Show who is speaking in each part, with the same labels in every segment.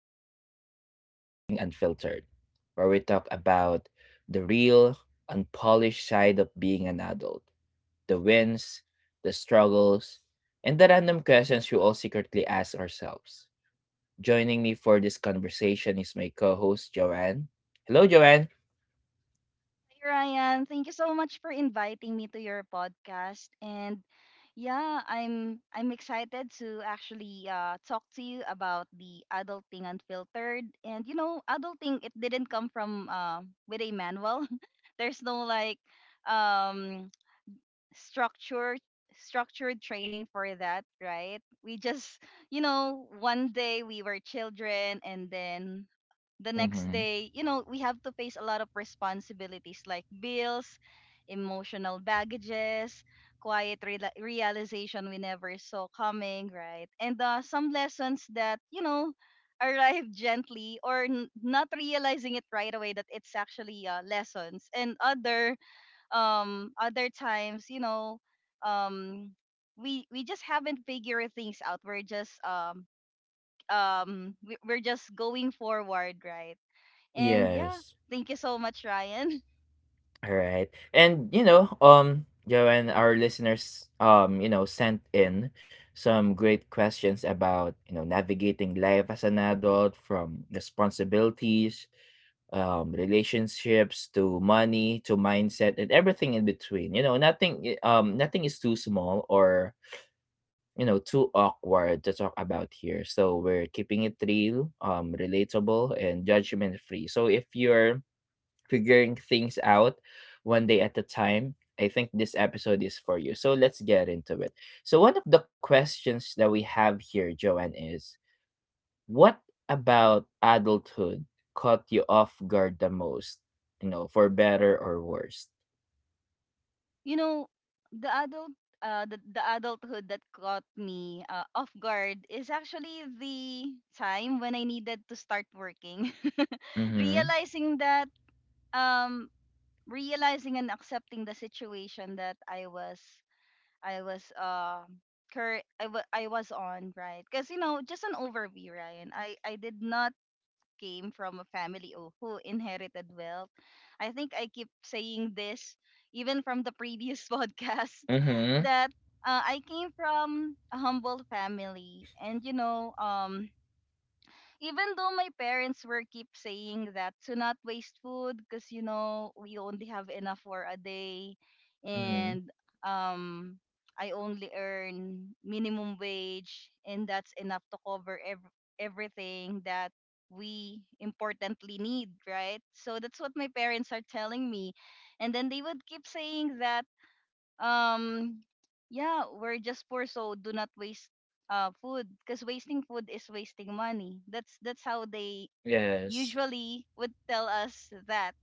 Speaker 1: episode is Adulting Unfiltered, where we talk about the real, unpolished side of being an adult, the wins, the struggles, and the random questions we all secretly ask ourselves. Joining me for this conversation is my co host, Joanne. Hello, Joanne.
Speaker 2: Hi, Ryan. Thank you so much for inviting me to your podcast. And yeah, I'm excited to actually talk to you about the adulting unfiltered. And you know, adulting it didn't come from with a manual. There's no like um structured structured training for that, right? We just you know, one day we were children, and then the next
Speaker 1: Hmm.
Speaker 2: day, you know, we have to face a lot of responsibilities like bills, emotional baggages, quiet reala realization we never saw coming, right? And some lessons that, you know, arrive gently or not realizing it right away that it's actually lessons and other other times you know um we just haven't figured things out we're just we're just going forward, right? And yeah,
Speaker 1: Yes.
Speaker 2: thank you so much, Ryan.
Speaker 1: All right. And you know, Joanne, our listeners, sent in some great questions about, you know, navigating life as an adult, from responsibilities, relationships, to money, to mindset, and everything in between. You know, nothing is too small or you know too awkward to talk about here. So we're keeping it real, relatable and judgment free. So if you're figuring things out one day at a time, I think this episode is for you. So let's get into it. So, one of the questions that we have here, Joanne, is what about adulthood caught you off guard the most? You know, for better or worse?
Speaker 2: You know, the adult the adulthood that caught me off guard is actually the time when I needed to start working.
Speaker 1: Mm-hmm.
Speaker 2: Realizing that um realizing and accepting the situation that I was I was uh I was on, right? Because you know, just an overview, Ryan. I did not came from a family who inherited wealth. I think I keep saying this even from the previous podcast
Speaker 1: Mm-hmm.
Speaker 2: that I came from a humble family, and you know, even though my parents were keep saying that to not waste food because you know we only have enough for a day
Speaker 1: Mm-hmm.
Speaker 2: and um I only earn minimum wage and that's enough to cover everything that we importantly need, right? So that's what my parents are telling me. And then they would keep saying that um yeah we're just poor, so do not waste food because wasting food is wasting money. That's how they
Speaker 1: Yes.
Speaker 2: usually would tell us that,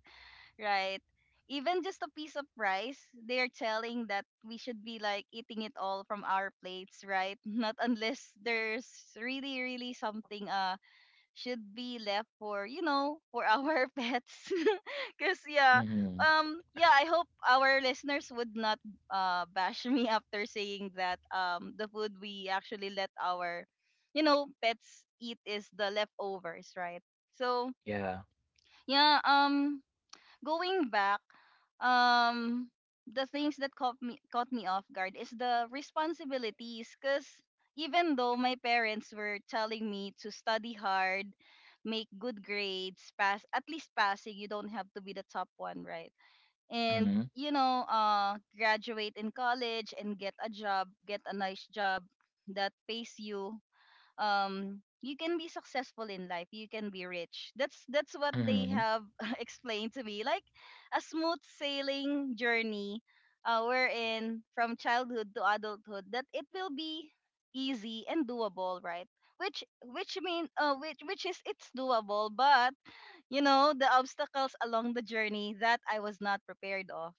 Speaker 2: right? Even just a piece of rice, they're telling that we should be like eating it all from our plates, right? Not unless there's really something should be left for you know for our pets because yeah.
Speaker 1: Mm-hmm.
Speaker 2: Yeah, I hope our listeners would not bash me after saying that the food we actually let our you know pets eat is the leftovers, right? So
Speaker 1: Yeah.
Speaker 2: yeah. Going back, um, the things that caught me off guard is the responsibilities. Cause even though my parents were telling me to study hard, make good grades, pass, at least passing, you don't have to be the top one, right? And
Speaker 1: Mm-hmm.
Speaker 2: you know, graduate in college and get a job, get a nice job that pays you you can be successful in life, you can be rich. That's what they
Speaker 1: Mm-hmm.
Speaker 2: have explained to me, like a smooth sailing journey wherein from childhood to adulthood that it will be easy and doable, right? Which mean which is it's doable, but you know the obstacles along the journey that I was not prepared of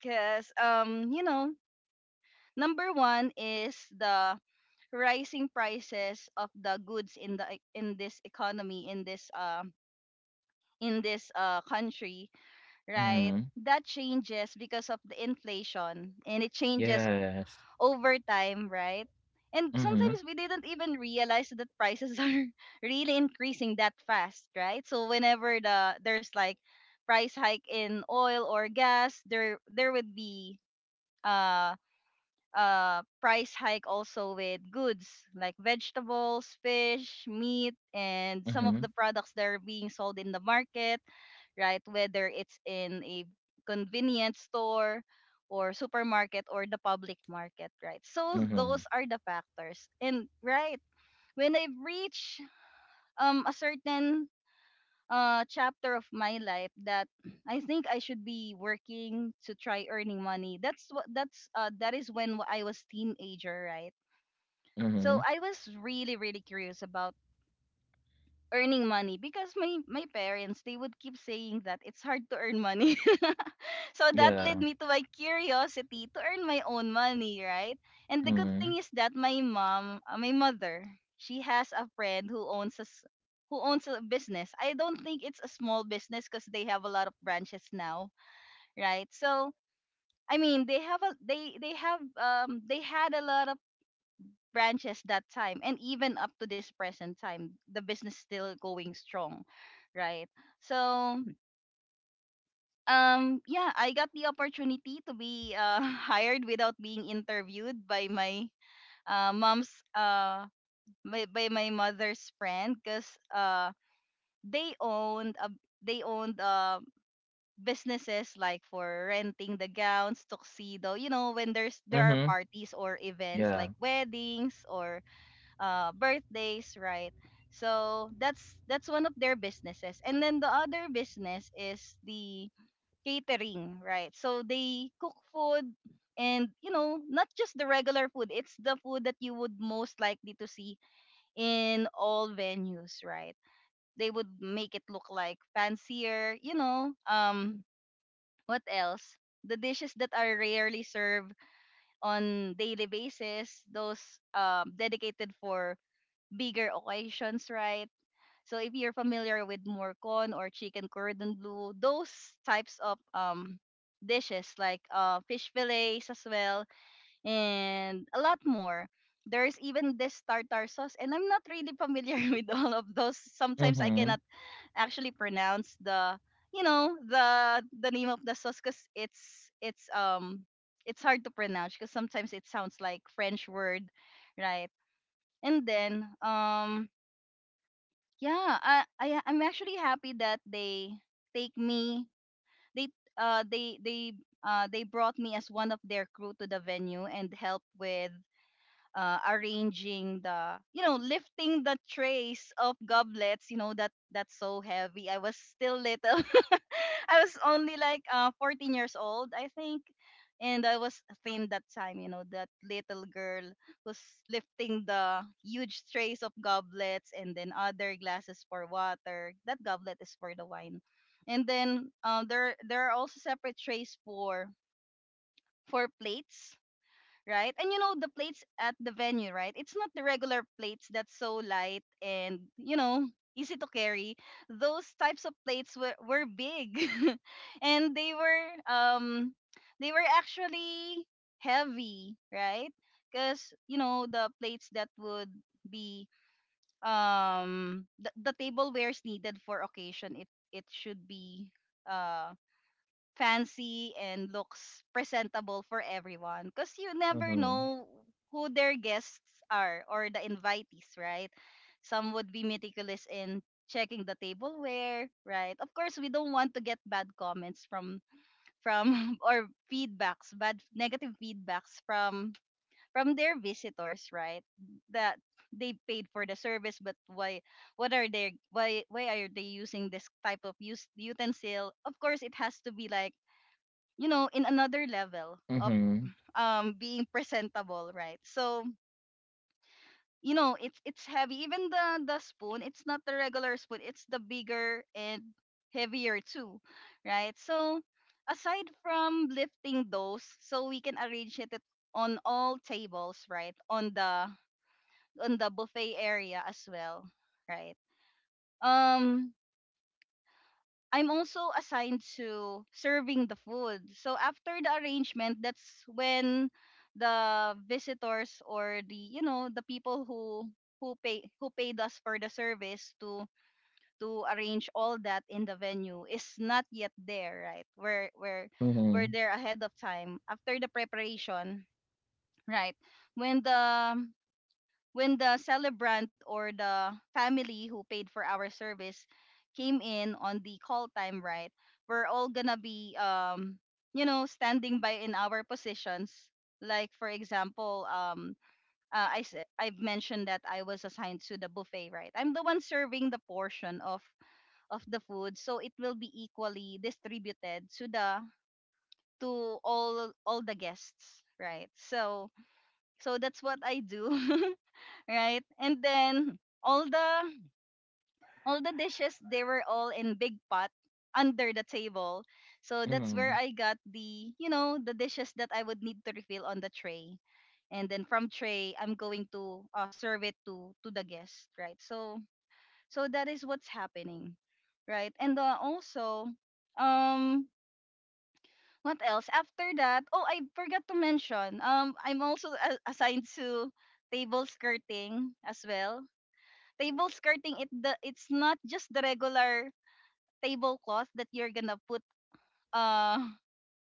Speaker 2: because you know number one is the rising prices of the goods in the in this economy, in this country, right?
Speaker 1: Mm-hmm.
Speaker 2: That changes because of the inflation, and it changes
Speaker 1: Yes.
Speaker 2: over time, right? And
Speaker 1: Mm-hmm.
Speaker 2: sometimes we didn't even realize that prices are really increasing that fast, right? So whenever there's like price hike in oil or gas, there would be uh price hike also with goods like vegetables, fish, meat, and some
Speaker 1: Mm-hmm.
Speaker 2: of the products that are being sold in the market, right? Whether it's in a convenience store or supermarket or the public market, right? So
Speaker 1: Mm-hmm.
Speaker 2: those are the factors. And right, when I reach a certain chapter of my life that I think I should be working to try earning money. That's what that's that is when I was teenager, right?
Speaker 1: Mm-hmm.
Speaker 2: So I was really, really curious about earning money because my parents they would keep saying that it's hard to earn money. So that led
Speaker 1: Yeah.
Speaker 2: me to my curiosity to earn my own money, right? And the good
Speaker 1: Mm-hmm.
Speaker 2: thing is that my mother, she has a friend who owns a s- who owns a business. I don't think it's a small business because they have a lot of branches now, right? So I mean, they have a they have they had a lot of branches that time, and even up to this present time the business still going strong, right? So yeah, I got the opportunity to be hired without being interviewed by my mom's by my mother's friend because uh they owned a they owned businesses like for renting the gowns, tuxedo, you know, when there are
Speaker 1: Mm-hmm.
Speaker 2: parties or events
Speaker 1: Yeah.
Speaker 2: like weddings or birthdays, right? So that's one of their businesses. And then the other business is the catering, right? So they cook food, and you know not just the regular food, it's the food that you would most likely to see in all venues, right? They would make it look like fancier, you know. What else? The dishes that are rarely served on daily basis, those dedicated for bigger occasions, right? So if you're familiar with morcon or chicken cordon bleu, those types of dishes like fish fillets as well, and a lot more. There's even this tartar sauce, and I'm not really familiar with all of those. Sometimes I
Speaker 1: Mhm,
Speaker 2: cannot actually pronounce the the name of the sauce because it's hard to pronounce because sometimes it sounds like French word, right? And then yeah, I'm actually happy that they take me, they uh they they they brought me as one of their crew to the venue, and helped with arranging the you know lifting the trays of goblets, you know, that that's so heavy. I was still little. I was only like 14 years old, I think, and I was thin that time, you know, that little girl who's lifting the huge trays of goblets, and then other glasses for water. That goblet is for the wine. And then there are also separate trays for plates, right? And you know the plates at the venue, right? It's not the regular plates that's so light and you know easy to carry. Those types of plates were big, and they were actually heavy, right? Because you know the plates that would be the tablewares needed for occasion, it should be uh fancy and looks presentable for everyone, because you never
Speaker 1: mhm,
Speaker 2: know who their guests are, or the invitees, right? Some would be meticulous in checking the tableware, right? Of course, we don't want to get bad comments from or feedbacks, bad negative feedbacks from their visitors, right? That they paid for the service, but why, what are they why are they using this type of use utensil? Of course, it has to be like you know in another level of
Speaker 1: mhm,
Speaker 2: being presentable, right? So you know it's heavy, even the spoon, it's not the regular spoon, it's the bigger and heavier too, right? So aside from lifting those so we can arrange it on all tables, right? On the buffet area as well, right? um I'm also assigned to serving the food. So after the arrangement, that's when the visitors, or the you know the people who pay who paid us for the service to arrange all that in the venue is not yet there, right? We're
Speaker 1: mhm,
Speaker 2: there ahead of time after the preparation, right? When the celebrant, or the family who paid for our service came in on the call time, right? We're all gonna be you know standing by in our positions, like for example I've mentioned that I was assigned to the buffet, right? I'm the one serving the portion of the food, so it will be equally distributed to the to all the guests, right? So that's what I do. Right? And then all the dishes, they were all in big pot under the table. So that's where
Speaker 1: mhm,
Speaker 2: I got the, you know, the dishes that I would need to refill on the tray. And then from tray, I'm going to serve it to the guest, right? So that is what's happening, right? And also, um, what else? After that, oh, I forgot to mention. I'm also assigned to table skirting as well. Table skirting, it's not just the regular tablecloth that you're gonna put uh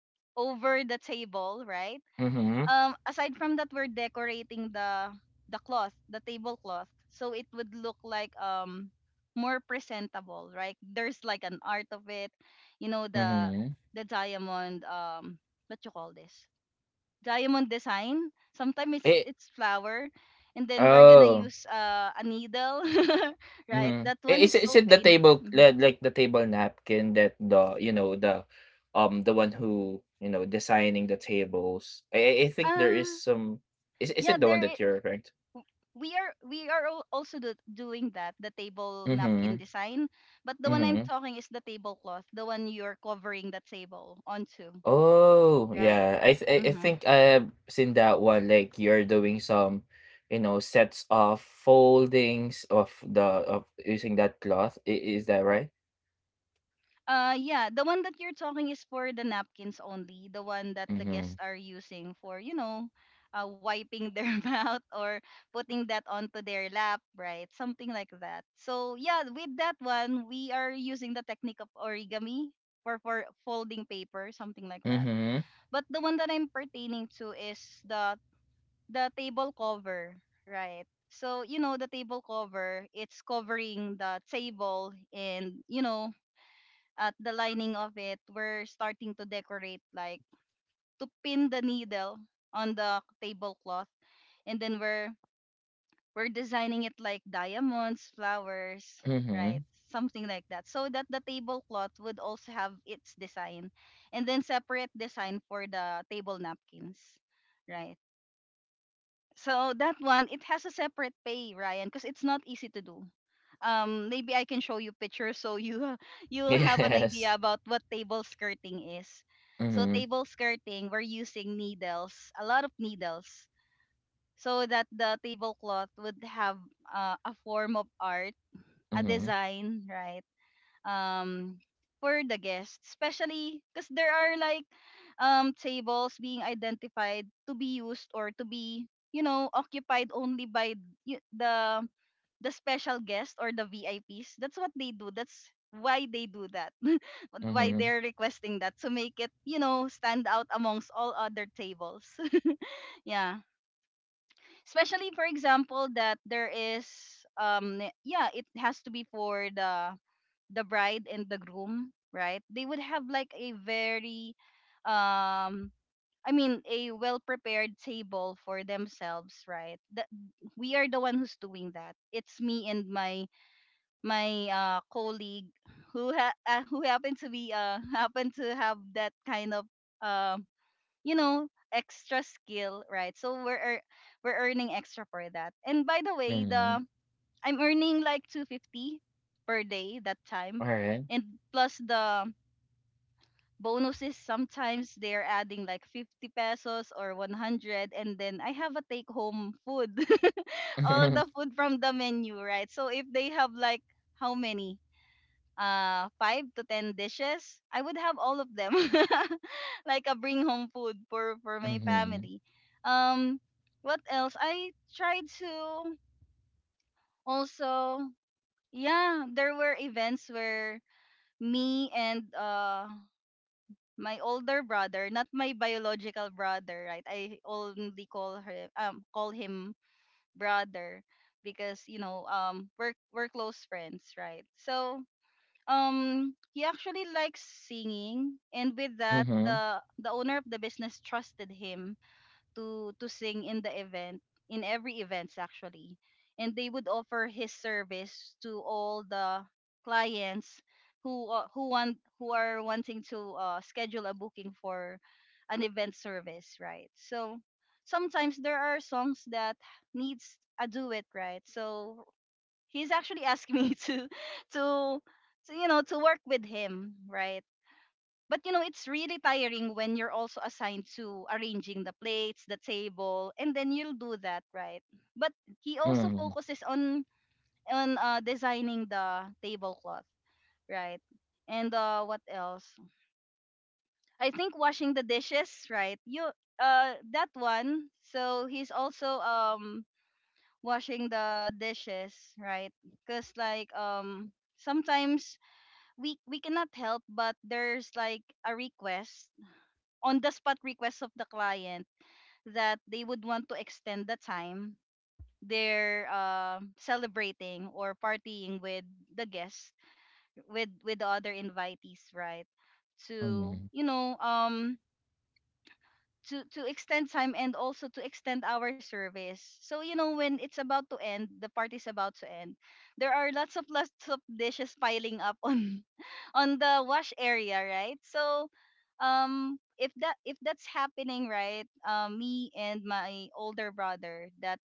Speaker 2: over the table, right?
Speaker 1: mhm,
Speaker 2: Aside from that, we're decorating the cloth the tablecloth, so it would look like more presentable, right? There's like an art of it, you know, the
Speaker 1: mhm.
Speaker 2: diamond, what you call this, diamond design. Sometimes it's
Speaker 1: It
Speaker 2: flower, and then we're gonna
Speaker 1: Oh,
Speaker 2: use a needle, right?
Speaker 1: mhm.
Speaker 2: That
Speaker 1: I
Speaker 2: one is
Speaker 1: is
Speaker 2: so
Speaker 1: it the
Speaker 2: painful.
Speaker 1: table li like the table napkin that the, you know, the one who, you know, designing the tables? I think there is
Speaker 2: Ah,
Speaker 1: some, is
Speaker 2: yeah,
Speaker 1: it the one
Speaker 2: there.
Speaker 1: that you're referring to?
Speaker 2: W- We are also doing that, the table napkin
Speaker 1: Mhm,
Speaker 2: design, but the one I'm
Speaker 1: mhm.
Speaker 2: talking is the tablecloth, the one you're covering the table onto,
Speaker 1: Oh,
Speaker 2: right?
Speaker 1: yeah. I
Speaker 2: Mm-hmm.
Speaker 1: think I have seen that one. Like you're doing some, you know, sets of foldings of the of using that cloth. I is that right?
Speaker 2: Yeah, the one that you're talking is for the napkins only, the one that the
Speaker 1: Mm-hmm.
Speaker 2: guests are using for, you know, wiping their mouth or putting that onto their lap, right? Something like that. So, yeah, with that one, we are using the technique of origami for, folding paper, something like that.
Speaker 1: Mm-hmm.
Speaker 2: But the one that I'm pertaining to is the table cover, right? So, you know, the table cover, it's covering the table and, you know, at the lining of it, we're starting to decorate like to pin the needle on the tablecloth, and then we're designing it like diamonds, flowers, right?
Speaker 1: Mm-hmm.
Speaker 2: Something like that, so that the tablecloth would also have its design, and then separate design for the table napkins, right? So that one, it has a separate pay, Ryan, because it's not easy to do. Maybe I can show you pictures so you you'll have an idea
Speaker 1: Yes.
Speaker 2: about what table skirting is. So
Speaker 1: Mm-hmm.
Speaker 2: table skirting, we're using needles, a lot of needles, so that the tablecloth would have a form of art, a
Speaker 1: Mm-hmm.
Speaker 2: design, right? um for the guests, especially because there are like tables being identified to be used or to be, you know, occupied only by y- the the special guests or the VIPs. That's what they do, that's why they do that. Why
Speaker 1: Mm-hmm.
Speaker 2: they're requesting that, to make it, you know, stand out amongst all other tables. Yeah, especially for example that there is, yeah, it has to be for the bride and the groom, right? They would have like a very um I mean a well prepared table for themselves, right? That we are the one who's doing that. It's me and my colleague who who happened to be happened to have that kind of um you know, extra skill, right? So we're earning extra for that. And by the way,
Speaker 1: Mm-hmm.
Speaker 2: the I'm earning like 250 per day that time.
Speaker 1: All right.
Speaker 2: And plus the bonuses, sometimes they're adding like 50 pesos or 100, and then I have a take home food. All the food from the menu, right? So if they have like how many? 5 to 10 dishes, I would have all of them. Like a bring home food for my
Speaker 1: Mm-hmm.
Speaker 2: family. Um what else? I tried to also Yeah, there were events where me and my older brother, not my biological brother, right? I only call her call him brother because, you know, we're close friends, right? So he actually likes singing, and with that,
Speaker 1: Mm-hmm.
Speaker 2: the owner of the business trusted him to sing in the event, in every events actually, and they would offer his service to all the clients who want who are wanting to schedule a booking for an event service, right? So sometimes there are songs that needs a duet, right? So he's actually asking me to to you know, to work with him, right? But, you know, it's really tiring when you're also assigned to arranging the plates, the table, and then you'll do that, right? But he also
Speaker 1: Mm-hmm.
Speaker 2: focuses on designing the tablecloth, right? And what else? I think washing the dishes, right? You that one. So he's also washing the dishes, right? 'Cause like, sometimes we cannot help, but there's like a request, on the spot request of the client, that they would want to extend the time they're celebrating or partying with the guests, with the other invitees, right? To,
Speaker 1: Mm-hmm.
Speaker 2: you know, to extend time and also to extend our service. So, you know, when it's about to end, the party's about to end, there are lots of dishes piling up on the wash area, right? So if that's happening, right? Me and my older brother, that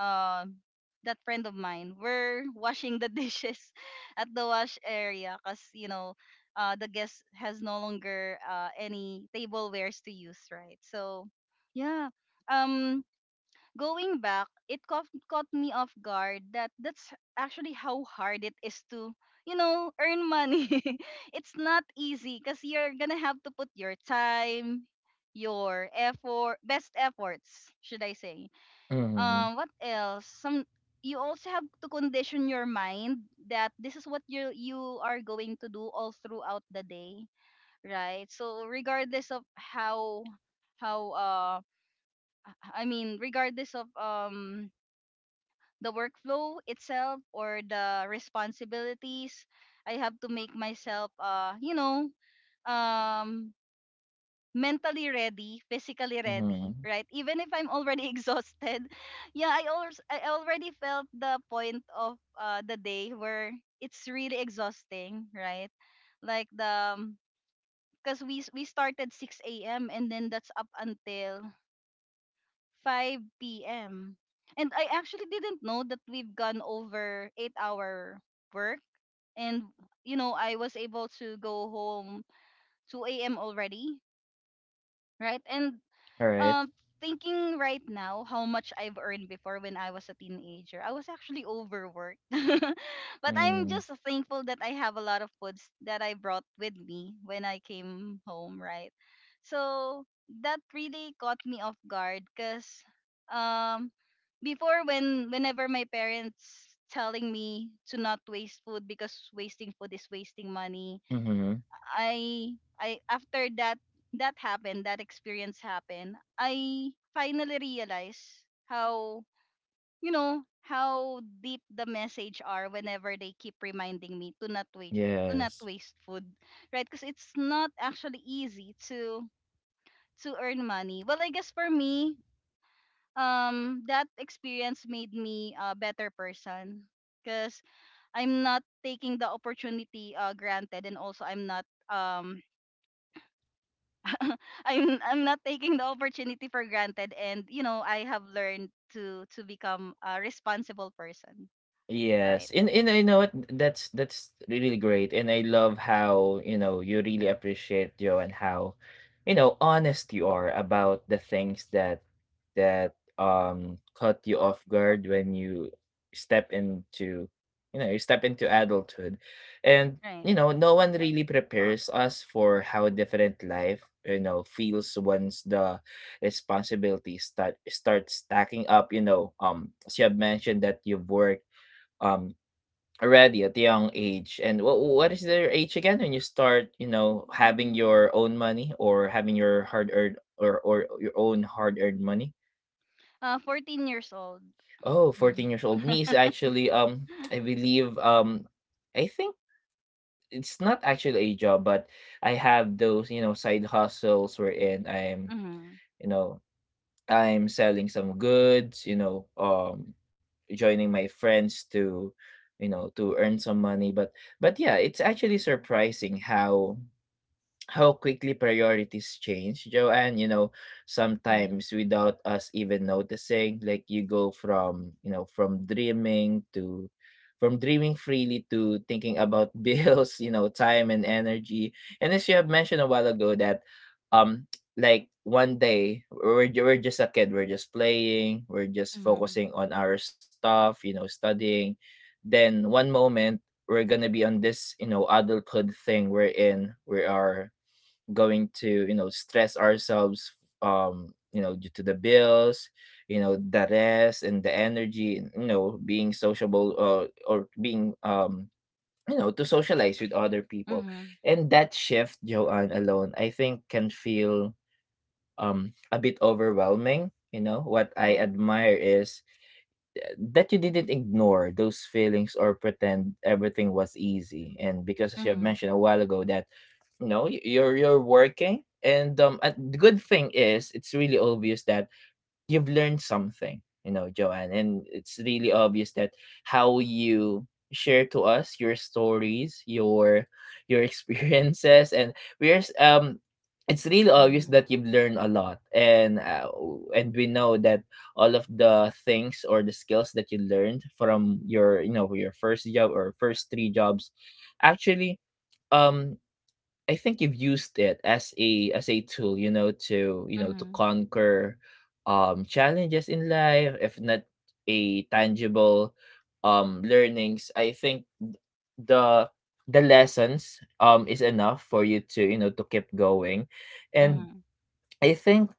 Speaker 2: um that friend of mine, were washing the dishes at the wash area, cuz you know, the guest has no longer any tablewares to use, right? So yeah. Um Going back, it caught me off guard that that's actually how hard it is to, you know, earn money. It's not easy, because you're gonna have to put your time, your effort, best efforts, should I say.
Speaker 1: Mm-hmm.
Speaker 2: What else? Some You also have to condition your mind that this is what you are going to do all throughout the day, right? So regardless of how how uh I mean, regardless of, the workflow itself or the responsibilities, I have to make myself, you know, um mentally ready, physically ready,
Speaker 1: Mm-hmm.
Speaker 2: right? Even if I'm already exhausted. Yeah, I already felt the point of the day where it's really exhausting, right? Like the, because we started 6 a.m., and then that's up until 5 p.m. And I actually didn't know that we've gone over 8-hour work, and, you know, I was able to go home 2 a.m. already, right? And
Speaker 1: All right.
Speaker 2: um thinking right now how much I've earned before when I was a teenager, I was actually overworked. But I'm
Speaker 1: Mm-hmm.
Speaker 2: just thankful that I have a lot of foods that I brought with me when I came home, right? So that really caught me off guard, because um before when whenever my parents telling me to not waste food because wasting food is wasting money,
Speaker 1: Mm-hmm.
Speaker 2: I after that, that happened, that experience happened, I finally realized how, you know, how deep the message are whenever they keep reminding me to not waste, to not
Speaker 1: Yes.
Speaker 2: waste food, right? Because it's not actually easy to earn money. Well, I guess for me, that experience made me a better person because I'm not taking the opportunity granted, and also I'm not I'm not taking the opportunity for granted, and, you know, I have learned to become a responsible person. Right.
Speaker 1: Yes, and I know what, that's really great, and I love how you know you really appreciate Joe, and how you know honest you are about the things that that caught you off guard when you step into, you know, you step into adulthood, and
Speaker 2: Right.
Speaker 1: you know no one really prepares us for how different life you know feels once the responsibilities start stacking up. You know, as you have mentioned that you've worked um already at a young age, and what is their age again when you start you know having your own money or having your hard earned, or your own hard earned money?
Speaker 2: 14 years old.
Speaker 1: Oh, 14 years old me is actually I believe I think it's not actually a job, but I have those you know side hustles wherein I'm
Speaker 2: Mhm.
Speaker 1: you know I'm selling some goods, you know, joining my friends to, you know, to earn some money. But yeah, it's actually surprising how quickly priorities change, Joanne. You know,
Speaker 2: Mhm.
Speaker 1: sometimes without us even noticing, like you go from, you know, from dreaming freely to thinking about bills, you know, time and energy. And as you have mentioned a while ago that um like one day we're, we're just a kid, we're just playing, we're just
Speaker 2: Mhm.
Speaker 1: focusing on our stuff, you know, studying. Then one moment we're gonna be on this, you know, adulthood thing we're in. We are going to you know stress ourselves you know due to the bills, you know, the rest and the energy, and, you know, being sociable, or being you know to socialize with other people,
Speaker 2: Mhm.
Speaker 1: and that shift, Joanne, alone, I think can feel a bit overwhelming. You know what I
Speaker 2: Right.
Speaker 1: admire is that you didn't ignore those feelings or pretend everything was easy, and because as you have
Speaker 2: Mhm.
Speaker 1: mentioned a while ago that no, you're working, and a good thing is it's really obvious that you've learned something, you know, Joanne. And it's really obvious that how you share to us your stories, your experiences, and we're s- um, it's really obvious
Speaker 2: Mhm.
Speaker 1: that you've learned a lot, and and we know that all of the things or the skills that you learned from your you know your first job or first three jobs, actually um i think you've used it as a tool, you know to
Speaker 2: Mhm.
Speaker 1: conquer challenges in life, if not a tangible learnings. I think the the lessons is enough for you to you know to keep going, and
Speaker 2: Mhm.
Speaker 1: I think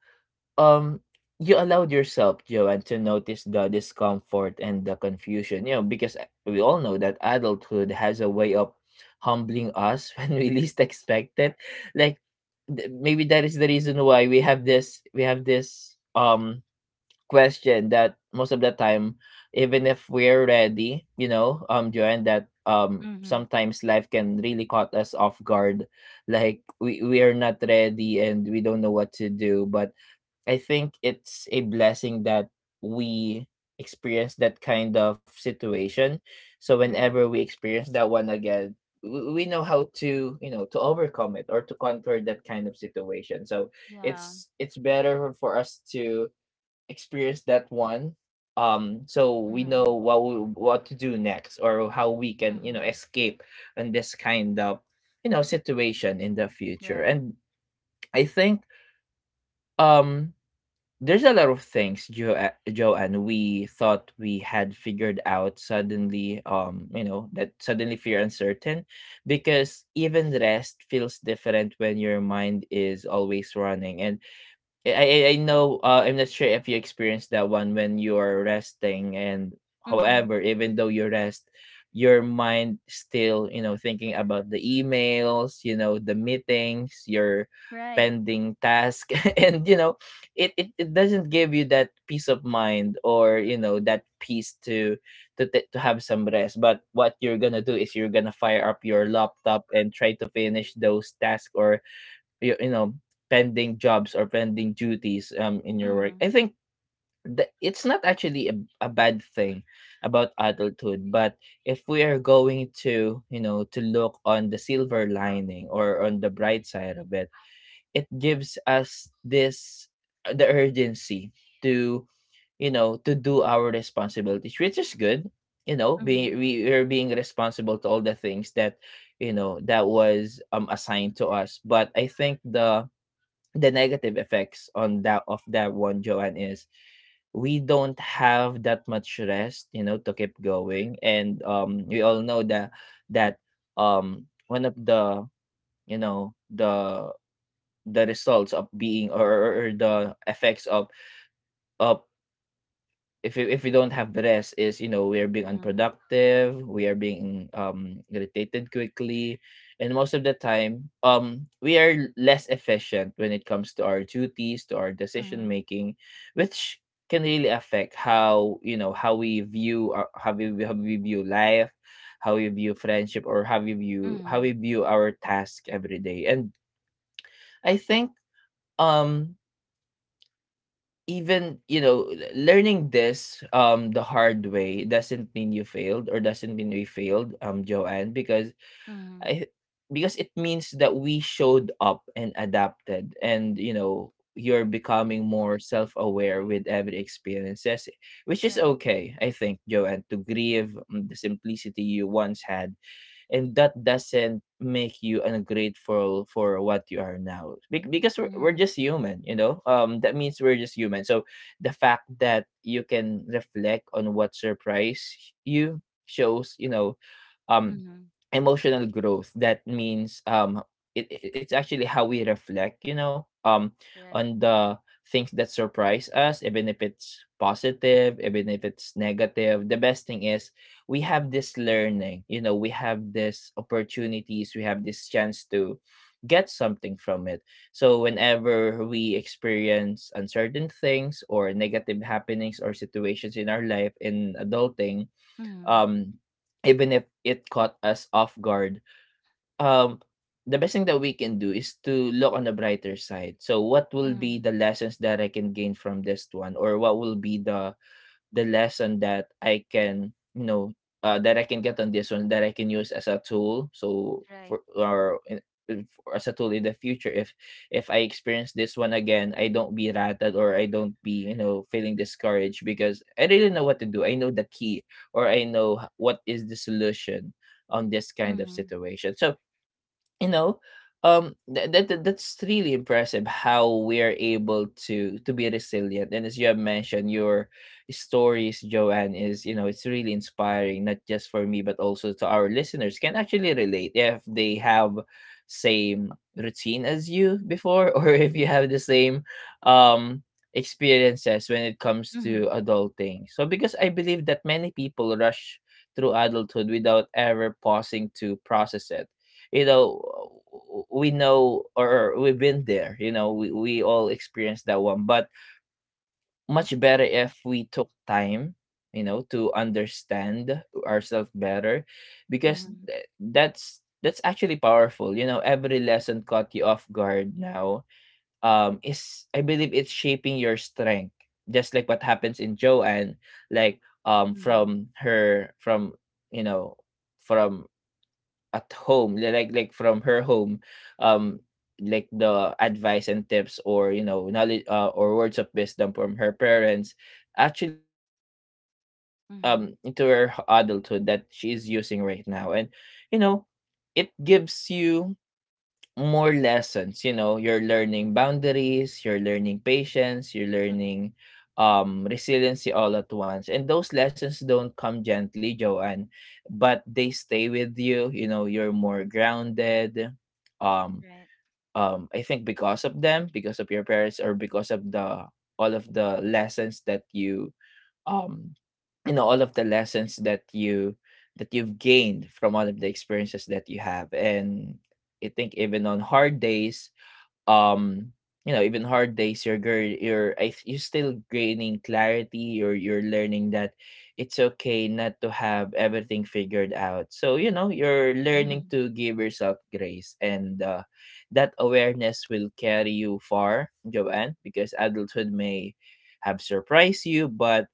Speaker 1: um you allowed yourself, Joanne, to notice the discomfort and the confusion, you know, because we all know that adulthood has a way of humbling us when we least expect it, like maybe that is the reason why we have this, we have this question, that most of the time, even if we're ready, you know, Joanne, that
Speaker 2: Mhm.
Speaker 1: sometimes life can really caught us off guard, like we are not ready and we don't know what to do. But I think it's a blessing that we experience that kind of situation. So
Speaker 2: Right.
Speaker 1: whenever we experience that one again, we know how to you know to overcome it or to conquer that kind of situation. So
Speaker 2: Yeah.
Speaker 1: it's better for us to experience that one so we know
Speaker 2: Mhm.
Speaker 1: what we, what to do next, or how we can you know
Speaker 2: Mhm.
Speaker 1: escape in this kind of you know situation in the future.
Speaker 2: Right.
Speaker 1: And I think um there's a lot of things, Joanne, we thought we had figured out suddenly, you know, that suddenly feel uncertain, because even rest feels different when your mind is always running. And I know. I'm not sure if you experienced that one when you are resting, and
Speaker 2: Mhm.
Speaker 1: however, even though you rest, your mind still, you know, thinking about the emails, you know, the meetings, your
Speaker 2: Right.
Speaker 1: pending task, and you know, it doesn't give you that peace of mind, or you know that peace to to have some rest. But what you're gonna do is you're gonna fire up your laptop and try to finish those tasks, or you know, pending jobs or pending duties in your work.
Speaker 2: Mhm.
Speaker 1: I think that it's not actually a bad thing about adulthood, but if we are going to you know to look on the silver lining or on the bright side of it, it gives us this, the urgency to you know to do our responsibilities, which is good, you know, being
Speaker 2: Mhm.
Speaker 1: we are being responsible to all the things that you know that was assigned to us. But I think the negative effects on that of that one, Joanne, is we don't have that much rest, you know, to keep going. And we all know that that one of the you know the results of being, or or the effects of if we don't have the rest, is you know we are being
Speaker 2: Mhm.
Speaker 1: unproductive, we are being irritated quickly, and most of the time we are less efficient when it comes to our duties, to our decision
Speaker 2: Mhm.
Speaker 1: making, which can really affect how you know how we view our, how we view life, how we view friendship, or how we
Speaker 2: Mhm.
Speaker 1: view our task every day. And I think um even you know learning this the hard way doesn't mean you failed, or doesn't mean we failed, Joanne, because
Speaker 2: Mhm.
Speaker 1: i, because it means that we showed up and adapted, and you know you're becoming more self-aware with every experiences, which is
Speaker 2: Right.
Speaker 1: okay. I think, Joanne, to grieve the simplicity you once had, and that doesn't make you ungrateful for what you are now. Because we're
Speaker 2: Mhm.
Speaker 1: just human, you know, that means we're just human. So the fact that you can reflect on what surprised you shows, you know, um
Speaker 2: Mhm.
Speaker 1: emotional growth. That means it, it's actually how we reflect, you know,
Speaker 2: Right.
Speaker 1: on the things that surprise us, even if it's positive, even if it's negative. The best thing is we have this learning, you know, we have this opportunities, we have this chance to get something from it. So whenever we experience uncertain things or negative happenings or situations in our life in adulting,
Speaker 2: Mhm.
Speaker 1: um even if it caught us off guard, um the best thing that we can do is to look on the brighter side. So what will be
Speaker 2: Mhm.
Speaker 1: the lessons that I can gain from this one, or what will be the lesson that I can, you know, that I can get on this one, that I can use as a tool. So
Speaker 2: Right.
Speaker 1: for or in, for- as a tool in the future, if I experience this one again, I don't be rattled, or I don't be you know feeling discouraged, because I really know what to do. I know the key or what is the solution on this kind of
Speaker 2: Mhm.
Speaker 1: situation. So you know that's really impressive how we're able to be resilient, and as you have mentioned, your stories, Joanne, is it's really inspiring not just for me but also to our listeners. Can actually relate if they have same routine as you before or if you have the same um experiences when it comes to
Speaker 2: Mhm.
Speaker 1: adulting. So because I believe that many people rush through adulthood without ever pausing to process it you know we know, or we've been there. We all experienced that one, but much better if we took time, to understand ourselves better, because
Speaker 2: Mhm.
Speaker 1: that's actually powerful. You know, every lesson caught you off guard now is, I believe, it's shaping your strength, just like what happens in Joanne, like
Speaker 2: Mhm.
Speaker 1: from her from you know from at home li- like from her home, um like the advice and tips, or you know, knowledge, or words of wisdom from her parents. Actually she carried it
Speaker 2: Mhm.
Speaker 1: into her adulthood that she is using right now, and you know it gives you more lessons. You know, you're learning boundaries, you're learning patience, you're
Speaker 2: Mm.
Speaker 1: learning resiliency, all at once. And those lessons don't come gently, Joanne, but they stay with you. You know, you're more grounded. um
Speaker 2: Right.
Speaker 1: I think because of them, because of your parents, or because of the all of the lessons that you um you know all of the lessons that you, that you've gained from all of the experiences that you have. And I think, even on hard days um you know, even hard days, you're you're still gaining clarity, or you're learning that it's okay not to have everything figured out. So you know, you're learning to give yourself grace. And that awareness will carry you far, Joanne, because adulthood may have surprised you, but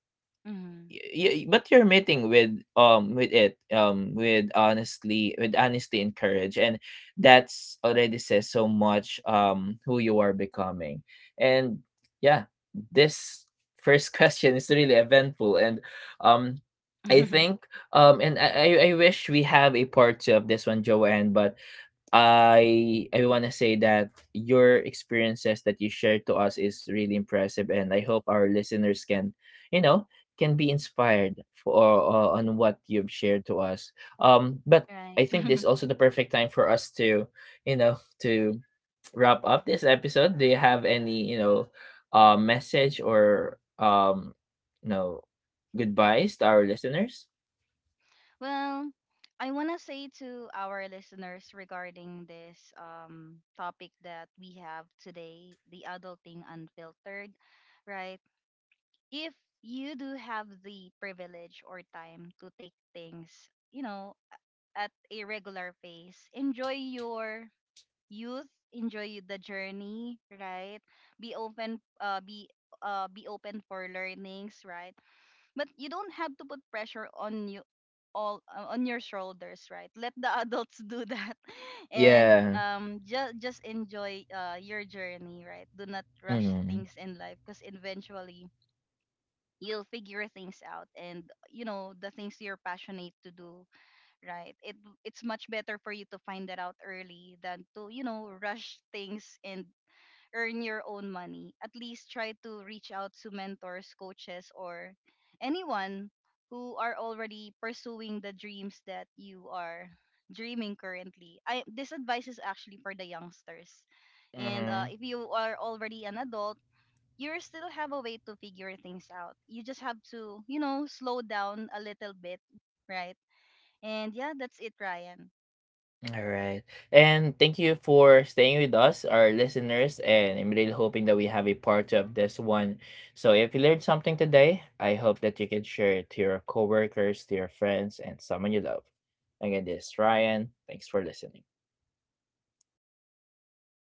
Speaker 2: Mhm.
Speaker 1: but you're meeting with it with honestly, with honesty and courage, and that's already says so much, who you are becoming. And yeah, this first question is really eventful. And um I think and I wish we have a part two of this one, Joanne, but I want to say that your experiences that you shared to us is really impressive, and I hope our listeners can, you know, can be inspired for on what you've shared to us. But
Speaker 2: Right.
Speaker 1: I think this is also the perfect time for us to, you know, to wrap up this episode. Do you have any, message or you know, goodbyes to our listeners?
Speaker 2: Well, I want to say to our listeners regarding this topic that we have today, the adulting unfiltered, right? If you do have the privilege or time to take things, you know, at a regular pace, enjoy your youth, enjoy the journey, right? Be open, be open for learnings, right? But you don't have to put pressure on you all on your shoulders, right? Let the adults do that, and
Speaker 1: Yeah.
Speaker 2: just enjoy your journey, right? Do not rush
Speaker 1: Mm-hmm.
Speaker 2: things in life, because eventually you'll figure things out, and, you know, the things you're passionate to do, right? It's much better for you to find that out early than to, you know, rush things and earn your own money. At least try to reach out to mentors, coaches, or anyone who are already pursuing the dreams that you are dreaming currently. I This advice is actually for the youngsters, and if you are already an adult, you still have a way to figure things out. You just have to, you know, slow down a little bit, right? And yeah, that's it, Ryan.
Speaker 1: All right. And thank you for staying with us, our listeners. And I'm really hoping that we have a part of this one. So if you learned something today, I hope that you can share it to your coworkers, to your friends, and someone you love. Again, this is Ryan. Thanks for listening.